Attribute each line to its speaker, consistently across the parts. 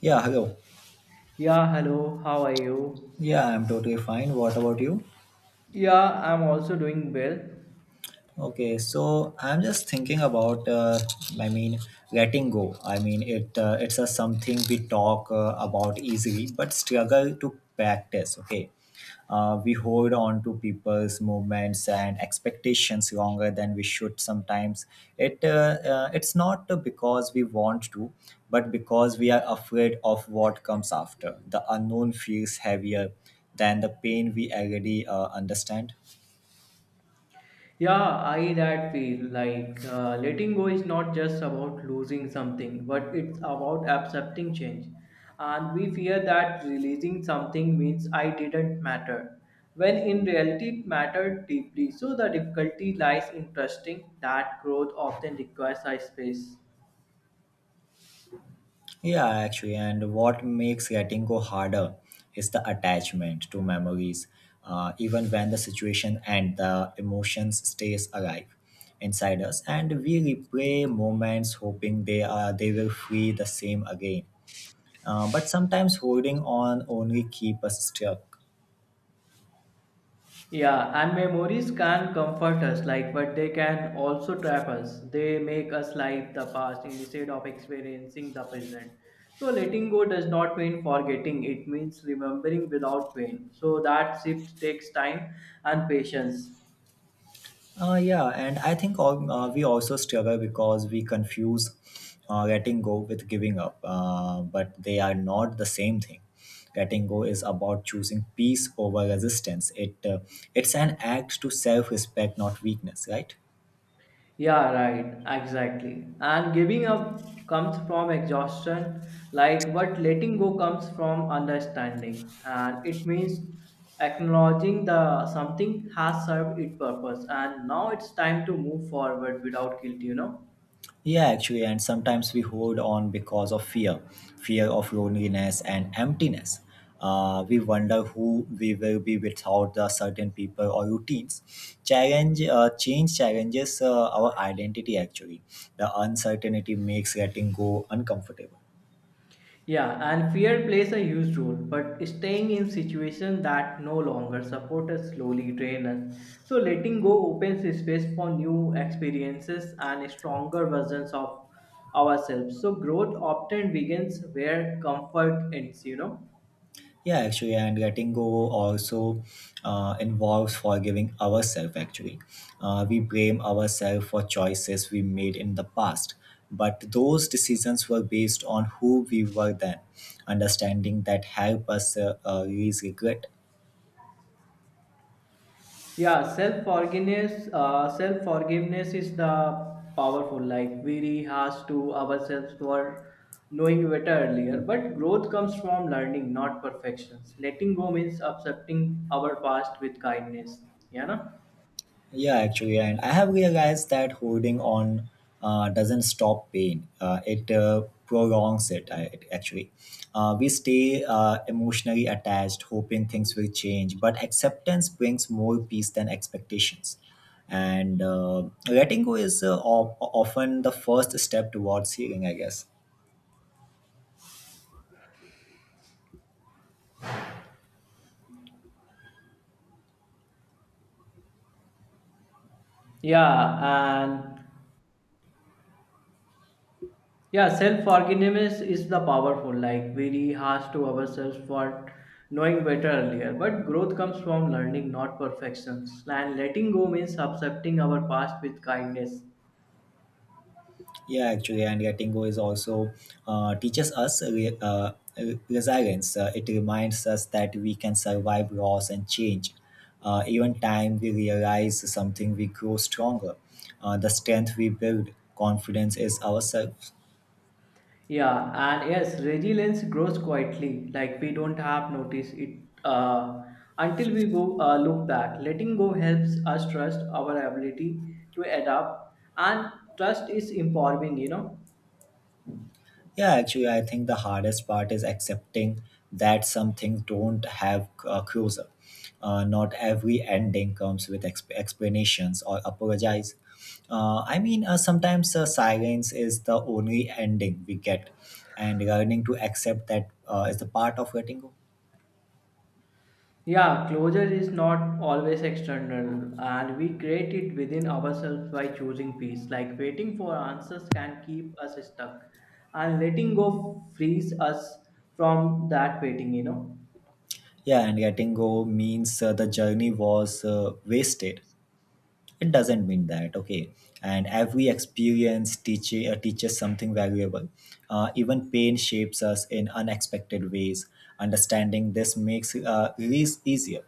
Speaker 1: Yeah, hello.
Speaker 2: Yeah, hello, how are you?
Speaker 1: Yeah, I'm totally fine. What about you?
Speaker 2: Yeah, I'm also doing well.
Speaker 1: Okay, so I'm just thinking about, I mean, letting go. I mean, it's a something we talk about easily, but struggle to practice. Okay, we hold on to people's movements and expectations longer than we should. Sometimes it's not because we want to, but because we are afraid of what comes after. The unknown feels heavier than the pain we already understand.
Speaker 2: Yeah, I that feel like letting go is not just about losing something, but it's about accepting change. And we fear that releasing something means I didn't matter, when in reality it mattered deeply. So the difficulty lies in trusting that growth often requires a space.
Speaker 1: Yeah, actually, and what makes letting go harder is the attachment to memories. Even when the situation and the emotions stays alive inside us, and we replay moments hoping they will feel the same again. But sometimes holding on only keep us stuck.
Speaker 2: Yeah, and memories can comfort us, like, but they can also trap us. They make us live the past instead of experiencing the present. So, letting go does not mean forgetting, it means remembering without pain. So, that shift takes time and patience.
Speaker 1: Yeah, and I think all, we also struggle because we confuse letting go with giving up, but they are not the same thing. Letting go is about choosing peace over resistance. It's an act to self-respect, not weakness, right?
Speaker 2: Yeah, right, exactly. And giving up comes from exhaustion, like what letting go comes from understanding. And it means acknowledging the something has served its purpose and now it's time to move forward without guilt, you know.
Speaker 1: Yeah, actually, and sometimes we hold on because of fear of loneliness and emptiness. We wonder who we will be without the certain people or routines. Change challenges our identity actually. The uncertainty makes letting go uncomfortable.
Speaker 2: Yeah, and fear plays a huge role, but staying in situations that no longer support us slowly drain us. So letting go opens space for new experiences and stronger versions of ourselves. So growth often begins where comfort ends, you know.
Speaker 1: Yeah, actually, and letting go also involves forgiving ourselves. Actually, we blame ourselves for choices we made in the past, but those decisions were based on who we were then. Understanding that help us release regret.
Speaker 2: Yeah, self forgiveness. Self forgiveness is the powerful. Like we has to ourselves for knowing better earlier. But growth comes from learning, not perfections. Letting go means accepting our past with kindness. Yeah, na?
Speaker 1: Yeah, actually, and I have realized that holding on doesn't stop pain. It prolongs it actually. We stay emotionally attached, hoping things will change, but acceptance brings more peace than expectations. And letting go is often the first step towards healing, I guess.
Speaker 2: Yeah, and yeah, self forgiveness is the powerful. Like we has to ourselves for knowing better earlier. But growth comes from learning, not perfections. And letting go means accepting our past with kindness.
Speaker 1: Yeah, actually, and letting go is also teaches us resilience. It reminds us that we can survive loss and change. Even time we realize something, we grow stronger. The strength we build, confidence is ourselves.
Speaker 2: Yeah, and yes, resilience grows quietly, like we don't have noticed it until we go look back. Letting go helps us trust our ability to adapt, and trust is empowering. You know,
Speaker 1: Yeah, actually, I think the hardest part is accepting that some things don't have a closure. Not every ending comes with explanations or apologize. Sometimes silence is the only ending we get, and learning to accept that is the part of letting go.
Speaker 2: yeah, closure is not always external, and we create it within ourselves by choosing peace. Like waiting for answers can keep us stuck, and letting go frees us from that waiting. You know.
Speaker 1: Yeah, and letting go means the journey was wasted, it doesn't mean that, okay, and every experience teaches something valuable, even pain shapes us in unexpected ways. Understanding this makes release easier.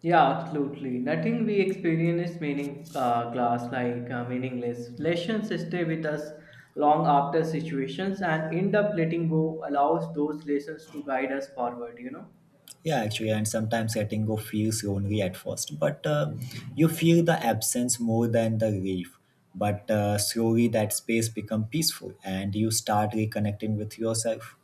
Speaker 2: Yeah, absolutely. Nothing we experience is meaning class like meaningless. Lessons stay with us long after situations and end up letting go allows those lessons to guide us forward, you know.
Speaker 1: Yeah, actually, and sometimes letting go feels lonely at first, but you feel the absence more than the relief, but slowly that space become peaceful and you start reconnecting with yourself.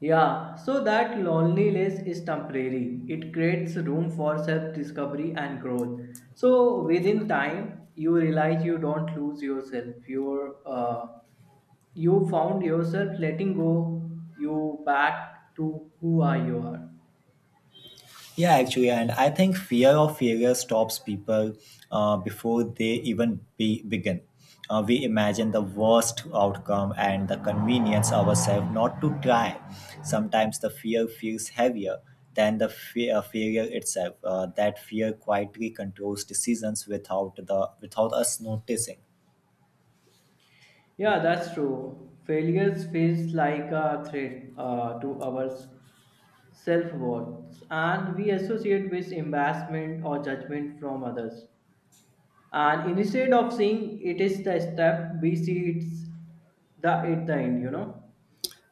Speaker 2: Yeah, so that loneliness is temporary. It creates room for self discovery and growth. So within time, you realize you don't lose yourself. You found yourself letting go you back to who are you are.
Speaker 1: Yeah, actually, and I think fear of failure stops people before they begin. We imagine the worst outcome and the convenience ourselves not to try. Sometimes the fear feels heavier than the fear, failure itself. That fear quietly controls decisions without the without us noticing.
Speaker 2: Yeah, that's true. Failures feels like a threat to our self worth, and we associate with embarrassment or judgment from others. And instead of seeing it is the step, we see it's the at the end. You know.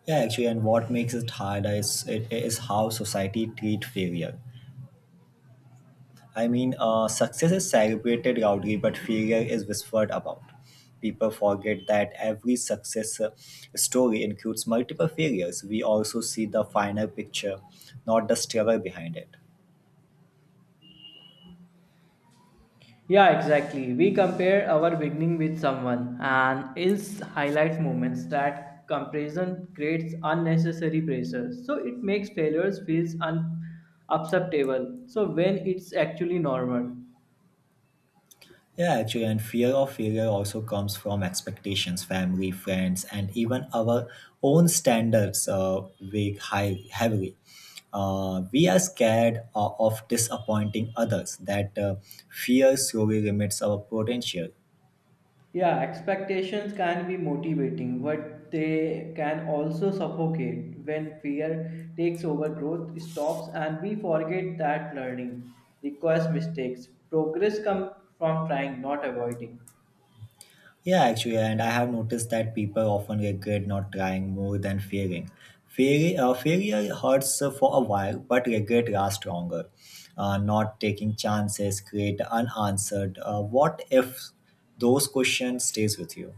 Speaker 1: Yeah, actually, and what makes it harder is it is how society treat failure. I mean, success is celebrated loudly, but failure is whispered about. People forget that every success story includes multiple failures. We also see the final picture, not the struggle behind it.
Speaker 2: Yeah, exactly. We compare our beginning with someone and else highlight moments that comparison creates unnecessary pressure. So it makes failures feels unacceptable. So when it's actually normal.
Speaker 1: Yeah, actually, and fear of failure also comes from expectations, family, friends, and even our own standards weigh high, heavily. We are scared of disappointing others. That fear slowly limits our potential.
Speaker 2: Yeah, expectations can be motivating, but they can also suffocate when fear takes over growth, stops, and we forget that learning requires mistakes. Progress comes from trying, not avoiding.
Speaker 1: Yeah, actually, and I have noticed that people often regret not trying more than failing. Failure hurts for a while, but regret lasts longer. Not taking chances create unanswered. What if those questions stays with you?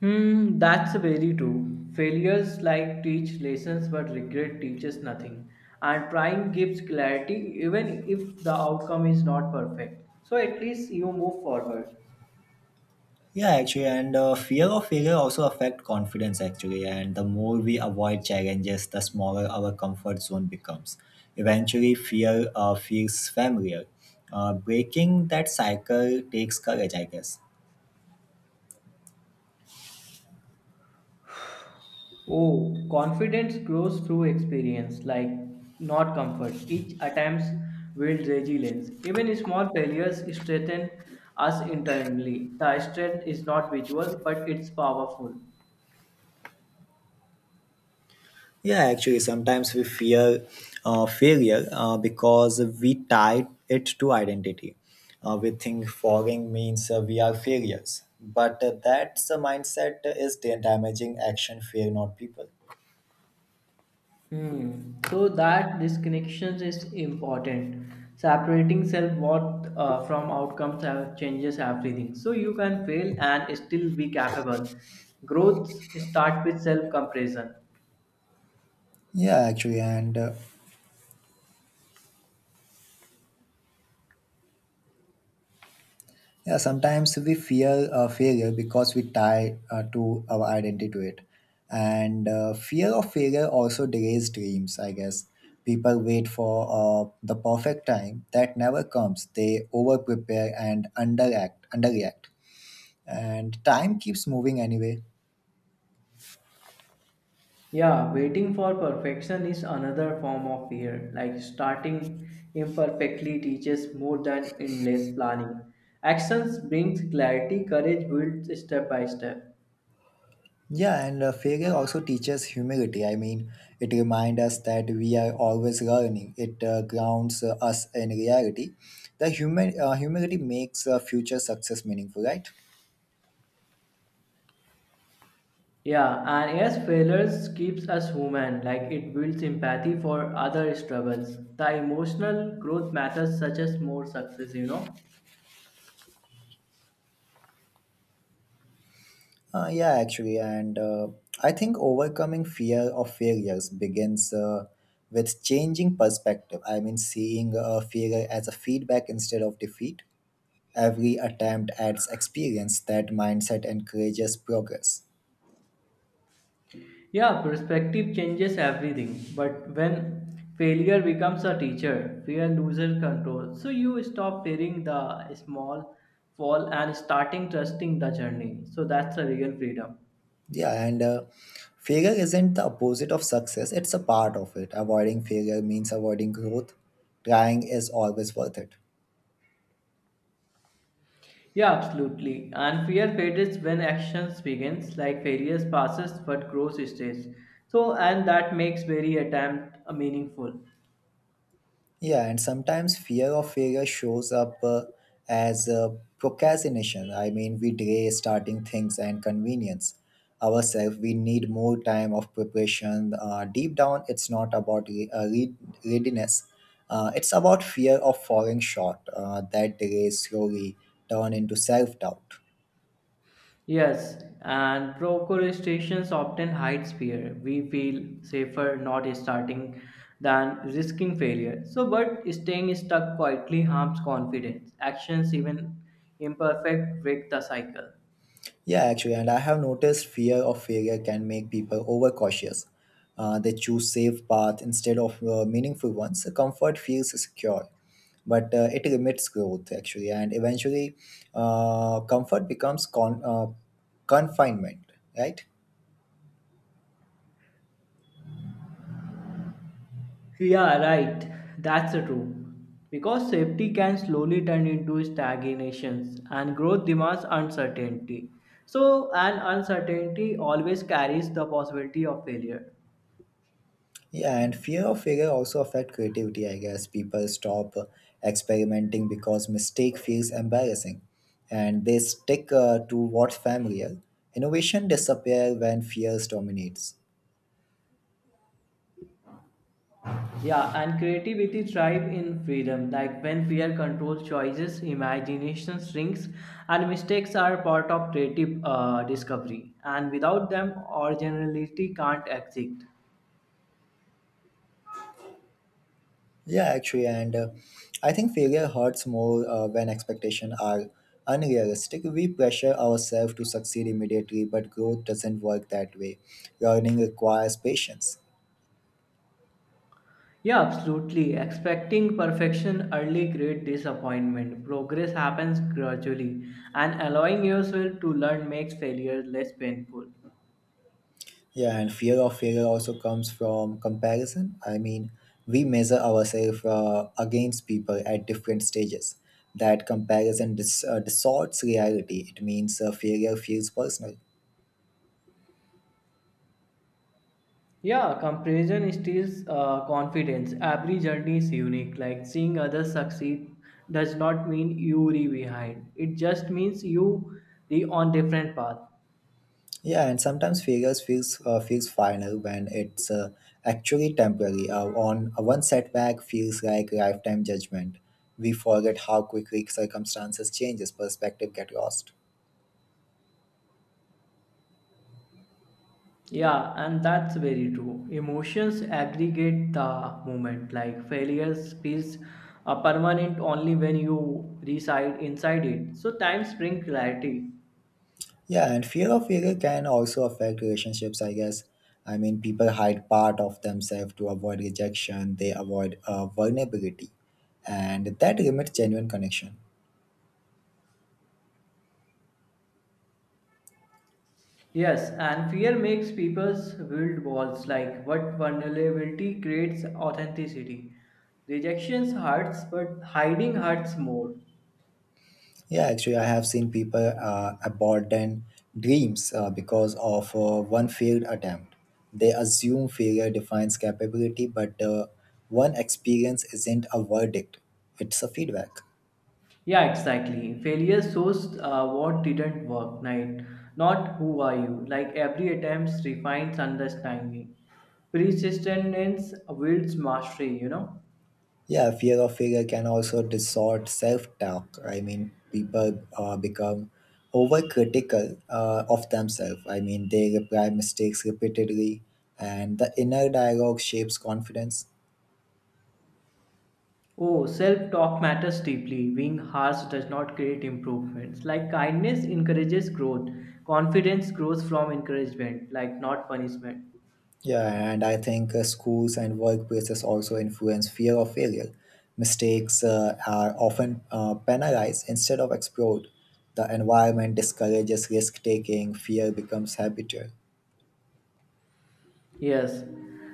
Speaker 2: Hmm, that's very true. Failures like teach lessons, but regret teaches nothing. And trying gives clarity, even if the outcome is not perfect. So at least you move forward.
Speaker 1: Yeah, actually, and fear of failure also affect confidence actually. And the more we avoid challenges, the smaller our comfort zone becomes. Eventually, fear feels familiar. Breaking that cycle takes courage, I guess.
Speaker 2: Oh, confidence grows through experience, like not comfort. Each attempt builds resilience. Even small failures strengthen us internally. The strength is not visual, but it's powerful.
Speaker 1: Yeah, actually, sometimes we fear failure because we tie it to identity. We think falling means we are failures, but that's a mindset is damaging action, fear, not people.
Speaker 2: Hmm. So that disconnections is important. Separating self worth from outcomes have, changes everything. So you can fail and still be capable. Growth start with self comparison.
Speaker 1: Yeah, actually, and yeah, sometimes we fear failure because we tie to our identity to it. And fear of failure also delays dreams, I guess. People wait for the perfect time that never comes. They over prepare and underreact. And time keeps moving anyway.
Speaker 2: Yeah, waiting for perfection is another form of fear. Like starting imperfectly teaches more than endless planning. Actions brings clarity. Courage builds step by step.
Speaker 1: Yeah, and failure also teaches humility. I mean, it reminds us that we are always learning. It grounds us in reality. The human humility makes future success meaningful, right?
Speaker 2: Yeah, and yes, failures keeps us human, like it builds empathy for other struggles. The emotional growth matters such as more success, you know.
Speaker 1: Yeah, actually, and I think overcoming fear of failures begins with changing perspective. I mean, seeing a failure as a feedback instead of defeat. Every attempt adds experience. That mindset encourages progress.
Speaker 2: Yeah, perspective changes everything, but when failure becomes a teacher, fear loses control. So you stop fearing the small fall and starting trusting the journey. So that's a real freedom.
Speaker 1: Yeah, and failure isn't the opposite of success, it's a part of it. Avoiding failure means avoiding growth. Trying is always worth it.
Speaker 2: Yeah, absolutely. And fear fades when actions begins, like failures passes but growth stays. So and that makes very attempt meaningful.
Speaker 1: Yeah, and sometimes fear of failure shows up as procrastination. I mean, we delay starting things and convenience ourselves. We need more time of preparation. Deep down, it's not about readiness. It's about fear of falling short. That delays slowly turn into self-doubt.
Speaker 2: Yes, and procrastinations often hides fear. We feel safer not starting than risking failure. So but staying stuck quietly harms confidence. Actions even imperfect break the cycle.
Speaker 1: Yeah, actually, and I have noticed fear of failure can make people overcautious. They choose safe path instead of meaningful ones. So, comfort feels secure, but it limits growth actually, and eventually, comfort becomes confinement, right?
Speaker 2: Yeah, right. That's true. Because safety can slowly turn into stagnations and growth demands uncertainty. So, an uncertainty always carries the possibility of failure.
Speaker 1: Yeah, and fear of failure also affect creativity, I guess. People stop experimenting because mistake feels embarrassing, and they stick to what's familiar. Innovation disappear when fears dominates.
Speaker 2: Yeah, and creativity thrives in freedom. Like when fear controls choices, imagination shrinks, and mistakes are part of creative discovery. And without them, originality can't exist.
Speaker 1: Yeah, actually, and I think failure hurts more when expectations are unrealistic. We pressure ourselves to succeed immediately, but growth doesn't work that way. Learning requires patience.
Speaker 2: Yeah, absolutely. Expecting perfection early creates disappointment. Progress happens gradually, and allowing yourself to learn makes failure less painful.
Speaker 1: Yeah, and fear of failure also comes from comparison. I mean, we measure ourselves against people at different stages. That comparison distorts reality. It means failure feels personal.
Speaker 2: Yeah, comparison steals confidence. Every journey is unique. Like seeing others succeed does not mean you re behind. It just means you re on different path.
Speaker 1: Yeah, and sometimes failure feels final when it's actually temporary. On One setback feels like lifetime judgment. We forget how quickly circumstances changes. Perspective get lost.
Speaker 2: Yeah, and that's very true. Emotions aggregate the moment, like failures feels permanent only when you reside inside it. So times bring clarity.
Speaker 1: Yeah, and fear of failure can also affect relationships, I guess. I mean, people hide part of themselves to avoid rejection, they avoid vulnerability, and that limits genuine connection.
Speaker 2: Yes, and fear makes people's build walls, like what vulnerability creates authenticity. Rejections hurts, but hiding hurts more.
Speaker 1: Yeah, actually, I have seen people abandon dreams because of one failed attempt. They assume failure defines capability, but one experience isn't a verdict, it's a feedback.
Speaker 2: Yeah, exactly. Failure shows what didn't work, right? Not who are you. Like every attempt refines understanding. Persistence builds mastery, you know.
Speaker 1: Yeah, fear of failure can also distort self-talk. I mean, people become overcritical of themselves. I mean, they reply mistakes repeatedly, and the inner dialogue shapes confidence.
Speaker 2: Oh, self talk matters deeply. Being harsh does not create improvements. Like kindness encourages growth, confidence grows from encouragement, like not punishment.
Speaker 1: Yeah, and I think schools and workplaces also influence fear of failure. Mistakes are often penalized instead of explored. The environment discourages risk-taking. Fear becomes habitual.
Speaker 2: Yes,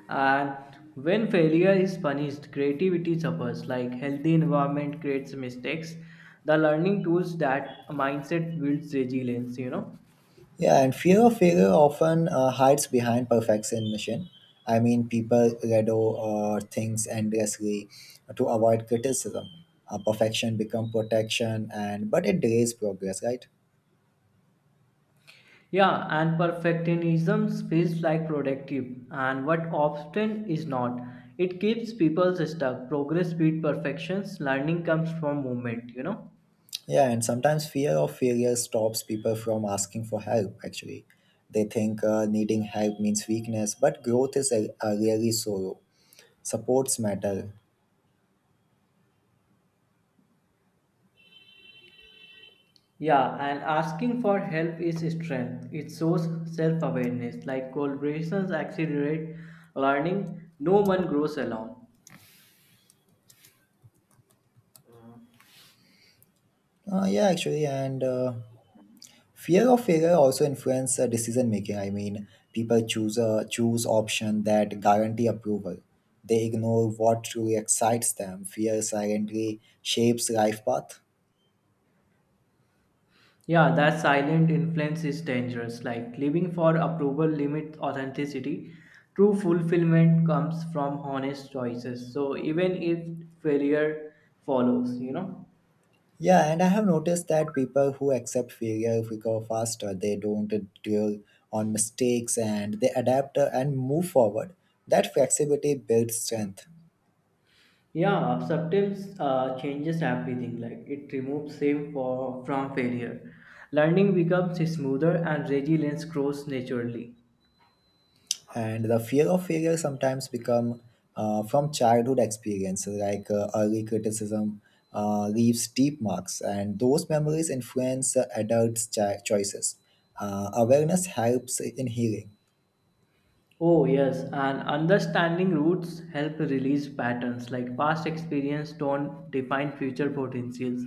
Speaker 2: and when failure is punished, creativity suffers. Like healthy environment creates mistakes. The learning tools that mindset builds resilience. You know.
Speaker 1: Yeah, and fear of failure often hides behind perfectionism. I mean, people redo things endlessly to avoid criticism. Perfection become protection, and but it delays progress, right?
Speaker 2: Yeah, and perfectionism feels like productive, and what often is not. It keeps people stuck. Progress beat perfections. Learning comes from movement. You know.
Speaker 1: Yeah, and sometimes fear of failure stops people from asking for help. Actually, they think needing help means weakness, but growth is a really sorrow. Supports matter.
Speaker 2: Yeah, and asking for help is strength. It shows self awareness. Like collaborations accelerate learning, no one grows alone.
Speaker 1: Yeah, actually, and. Fear of failure also influence decision making. I mean, people choose option that guarantee approval. They ignore what truly excites them. Fear silently shapes life path.
Speaker 2: Yeah, that silent influence is dangerous. Like living for approval limits authenticity. True fulfillment comes from honest choices. So even if failure follows, you know.
Speaker 1: Yeah, and I have noticed that people who accept failure recover faster. They don't dwell on mistakes and they adapt and move forward. That flexibility builds strength.
Speaker 2: Yeah, acceptance changes everything. Like it removes shame for, from failure. Learning becomes smoother and resilience grows naturally.
Speaker 1: And the fear of failure sometimes become from childhood experiences, like early criticism leaves deep marks, and those memories influence adults' choices. Awareness helps in healing.
Speaker 2: Oh yes, and understanding roots help release patterns. Like past experience don't define future potentials,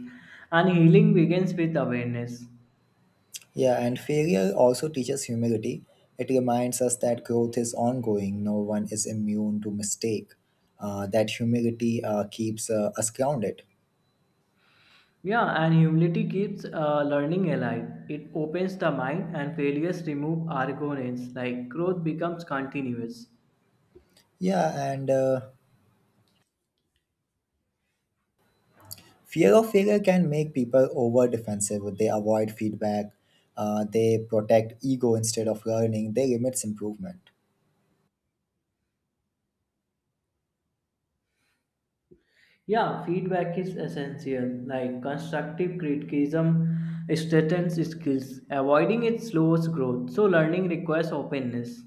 Speaker 2: and healing begins with awareness.
Speaker 1: Yeah, and failure also teaches humility. It reminds us that growth is ongoing, no one is immune to mistake. That humility keeps us grounded.
Speaker 2: Yeah, and humility keeps learning alive. It opens the mind, and failures remove arrogance. Like growth becomes continuous.
Speaker 1: Yeah, and fear of failure can make people over defensive. They avoid feedback. They protect ego instead of learning. They limits improvement.
Speaker 2: Yeah, feedback is essential. Like constructive criticism strengthens skills. Avoiding it slows growth. So learning requires openness.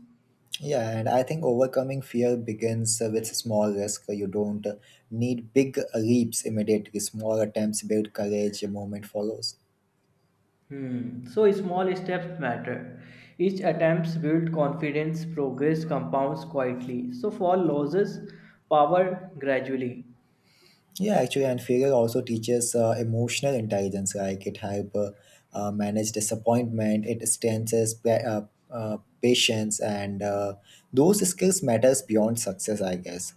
Speaker 1: Yeah, and I think overcoming fear begins with small risk. You don't need big leaps immediately. Small attempts build courage. A moment follows.
Speaker 2: Hmm. So small steps matter. Each attempts build confidence. Progress compounds quietly. So fall loses power gradually.
Speaker 1: Yeah, actually, and failure also teaches emotional intelligence. Like it help manage disappointment. It strengthens patience, and those skills matters beyond success, I guess.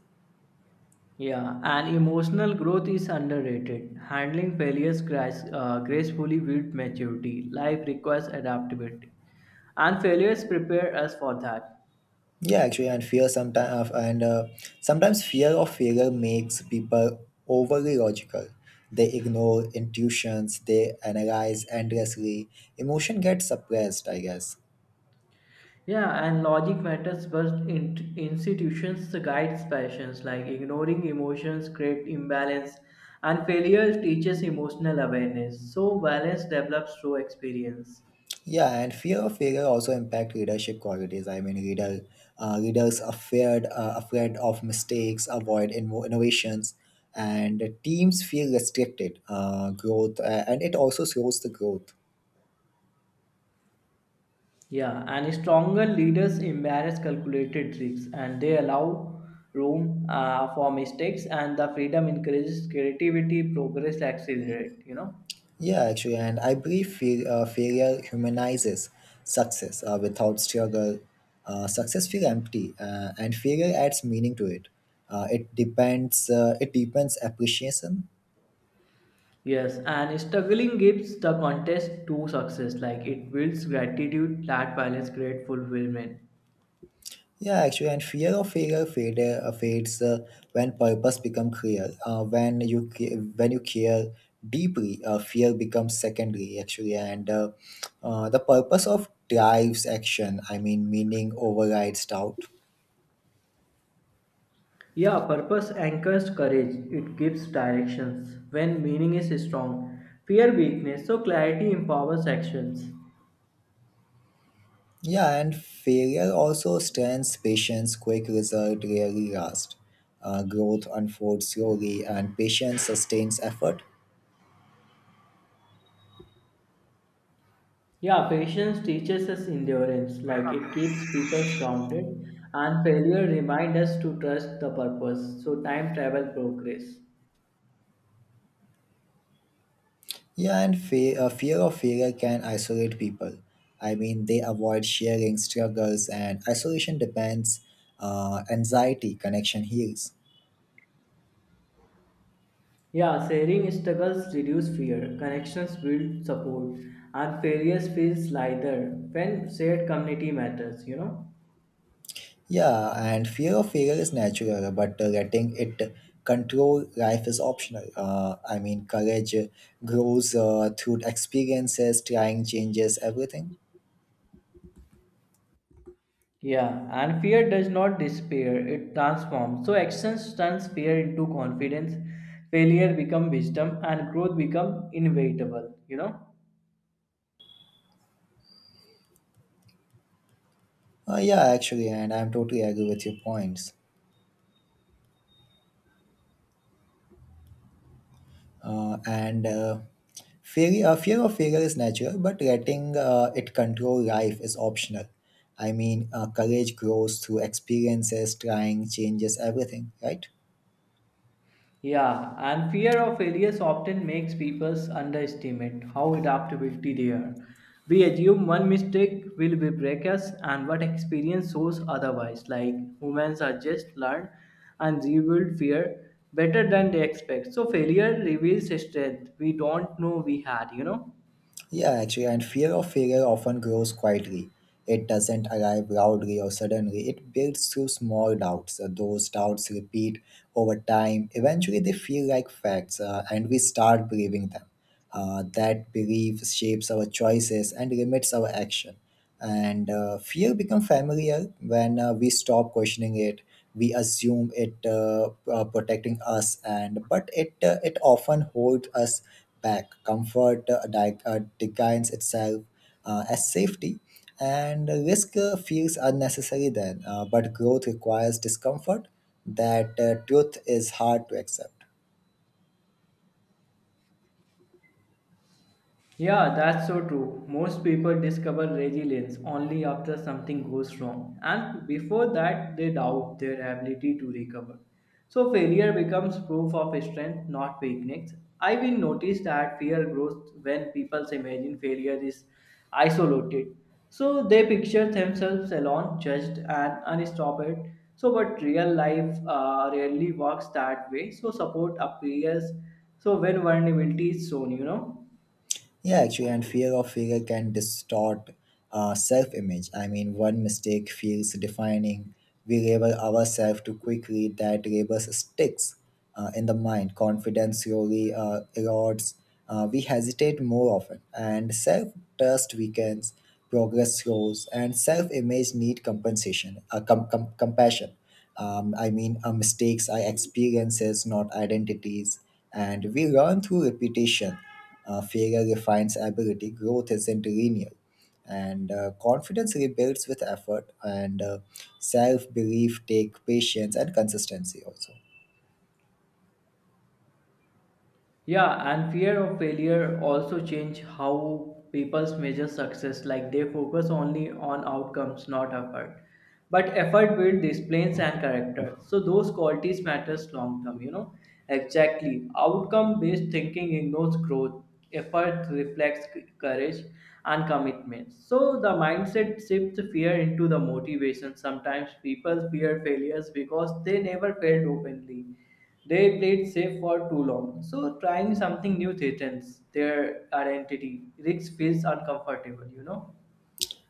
Speaker 2: Yeah, and emotional growth is underrated. Handling failures gracefully builds maturity. Life requires adaptability, and failures prepare us for that.
Speaker 1: Yeah, actually, and fear sometimes and sometimes fear of failure makes people overly logical. They ignore intuitions. They analyze endlessly. Emotion gets suppressed, I guess.
Speaker 2: Yeah, and logic matters, but in- institutions guides passions like ignoring emotions create imbalance, and failure teaches emotional awareness. So balance develops through experience.
Speaker 1: Yeah, and fear of failure also impact readership qualities. I mean, readers are feared, afraid of mistakes, avoid innovations, and teams feel restricted growth, and it also slows the growth.
Speaker 2: Yeah, and stronger leaders embrace calculated risks, and they allow room for mistakes, and the freedom encourages creativity. Progress accelerate. You know.
Speaker 1: Yeah, actually, and I believe failure humanizes success. Without struggle, success feels empty, and failure adds meaning to it. It depends. It deepens appreciation.
Speaker 2: Yes, and struggling gives the contest to success, like it builds gratitude that balance great fulfillment.
Speaker 1: Yeah, actually, and fear of failure fades when purpose becomes clear. When you care deeply, fear becomes secondary. Actually, and the purpose of drives action. I mean, meaning overrides doubt.
Speaker 2: Yeah, purpose anchors courage, it gives directions when meaning is strong. Fear weakness, so clarity empowers actions.
Speaker 1: Yeah, and failure also stands patience. Quick result rarely last. Growth unfolds slowly, and patience sustains effort.
Speaker 2: Yeah, patience teaches us endurance, like it keeps people grounded, and failure reminds us to trust the purpose. So, time travel progress.
Speaker 1: Yeah, and a fear of failure can isolate people. I mean, they avoid sharing struggles, and isolation depends. Anxiety, connection heals.
Speaker 2: Yeah, sharing struggles reduce fear, connections build support, and failures feels lighter when shared community matters, you know?
Speaker 1: Yeah, and fear of failure is natural, but letting it control life is optional. I mean, courage grows through experiences, trying changes, everything.
Speaker 2: Yeah, and fear does not despair, it transforms. So actions turns fear into confidence, failure become wisdom, and growth become inevitable, you know?
Speaker 1: Yeah, actually, and I'm totally agree with your points. And Fear of failure is natural, but letting it control life is optional. I mean, courage grows through experiences, trying, changes, everything, right?
Speaker 2: Yeah, and fear of failures often makes people underestimate how adaptability they are. We assume one mistake will be break us, and what experience shows otherwise. Like humans are just learn and rebuild fear better than they expect. So failure reveals strength we don't know we had. You know.
Speaker 1: Yeah, actually, and fear of failure often grows quietly. It doesn't arrive loudly or suddenly. It builds through small doubts. Those doubts repeat over time. Eventually, they feel like facts, and we start believing them. That belief shapes our choices and limits our action. And Fear becomes familiar. When we stop questioning it, we assume it protecting us, and but it often holds us back. Comfort defines itself as safety, and risk feels unnecessary then, but growth requires discomfort. That truth is hard to accept.
Speaker 2: Yeah, that's so true. Most people discover resilience only after something goes wrong, and before that, they doubt their ability to recover. So, failure becomes proof of strength, not weakness. I will notice that fear grows when people imagine failure is isolated. So, they picture themselves alone, judged, and unstoppable. So, but real life rarely works that way. So, support appears so when vulnerability is shown, you know.
Speaker 1: Yeah, actually, and fear of failure can distort self image. I mean, one mistake feels defining. We label ourselves too quickly, that label sticks in the mind. Confidence slowly erodes. We hesitate more often, and self trust weakens, progress slows, and self image need compassion. Mistakes are experiences, not identities, and we learn through repetition. Failure refines ability, growth isn't linear. And Confidence rebuilds with effort, and self belief take patience and consistency also.
Speaker 2: Yeah, and fear of failure also change how people measure success. Like they focus only on outcomes, not effort. But effort builds disciplines and character. So those qualities matters long term. You know exactly. Outcome based thinking ignores growth. Effort reflects c- courage and commitment. So the mindset shifts fear into the motivation. Sometimes people fear failures because they never failed openly they played safe for too long, so trying something new threatens their identity. Risk feels uncomfortable, you know?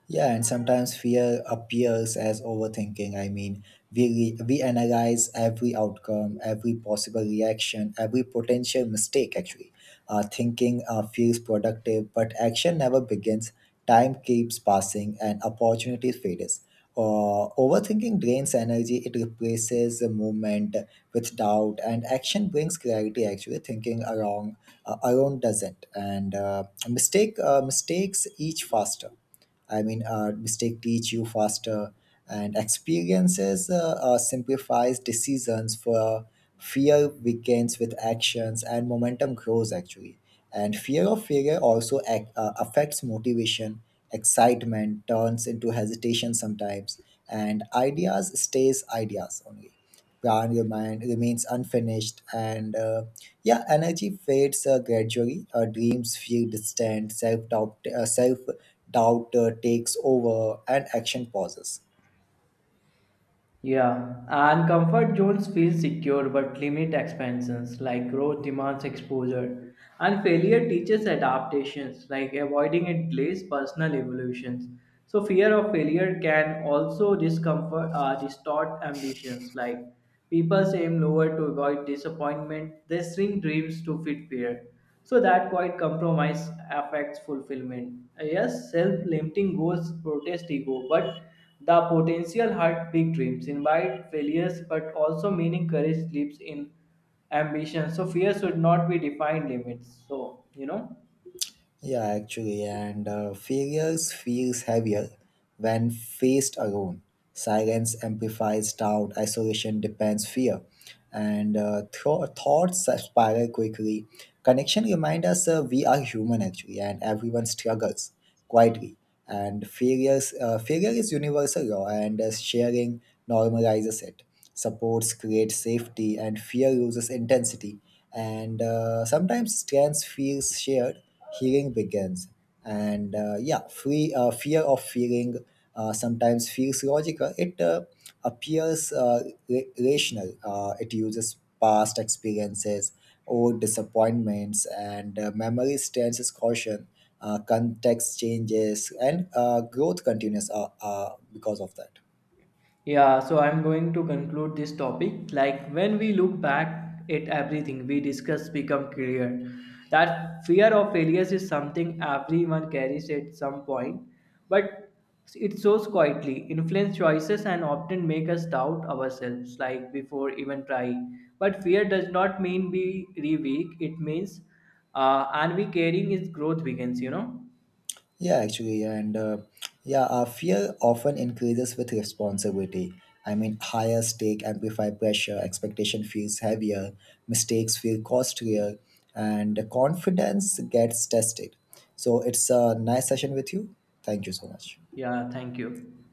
Speaker 1: Yeah, and sometimes fear appears as overthinking. I mean, we analyze every outcome, every possible reaction, every potential mistake. Actually, thinking feels productive, but action never begins. Time keeps passing, and opportunity fades. Overthinking drains energy. It replaces the movement with doubt, and action brings clarity. Actually, thinking around alone doesn't, and mistakes each faster. I mean, mistake teach you faster, and experiences simplifies decisions for fear weakens with actions, and momentum grows actually. And fear of failure also affects motivation. Excitement turns into hesitation sometimes, and ideas stays ideas only, plan your mind remains unfinished, and yeah, energy fades gradually, dreams feel distant, self-doubt takes over and action pauses.
Speaker 2: Yeah, and comfort zones feel secure but limit expansions, like growth demands exposure. And failure teaches adaptations, like avoiding it delays personal evolutions. So, fear of failure can also distort ambitions, like people aim lower to avoid disappointment, they shrink dreams to fit fear. So that quiet compromise affects fulfillment. Yes, self-limiting goals protest ego, but the potential hurt big dreams, invite failures, but also meaning courage lives in ambition. So fear should not be defined limits. So you know.
Speaker 1: Yeah, actually, and failures feels heavier when faced alone, silence amplifies doubt, isolation depends fear, and thoughts spiral quickly. Connection remind us we are human, actually, and everyone struggles quietly. And failure is universal law, and as sharing normalizes it. Supports create safety, and fear loses intensity. And Sometimes strength feels shared, healing begins. And yeah, free Fear of feeling sometimes feels logical. It appears rational. It uses past experiences or disappointments, and memory stands as caution. Context changes and growth continues because of that.
Speaker 2: Yeah, so I'm going to conclude this topic. Like when we look back at everything we discuss become clear that fear of failures is something everyone carries at some point, but it shows quietly, influence choices and often make us doubt ourselves like before even trying. But fear does not mean we re weak, it means and we carrying is growth begins, you know?
Speaker 1: Yeah, actually, yeah, and yeah, Our fear often increases with responsibility. I mean, higher stake amplify pressure, expectation feels heavier, mistakes feel costlier, and the confidence gets tested. So it's a nice session with you. Thank you so much.
Speaker 2: Yeah, thank you.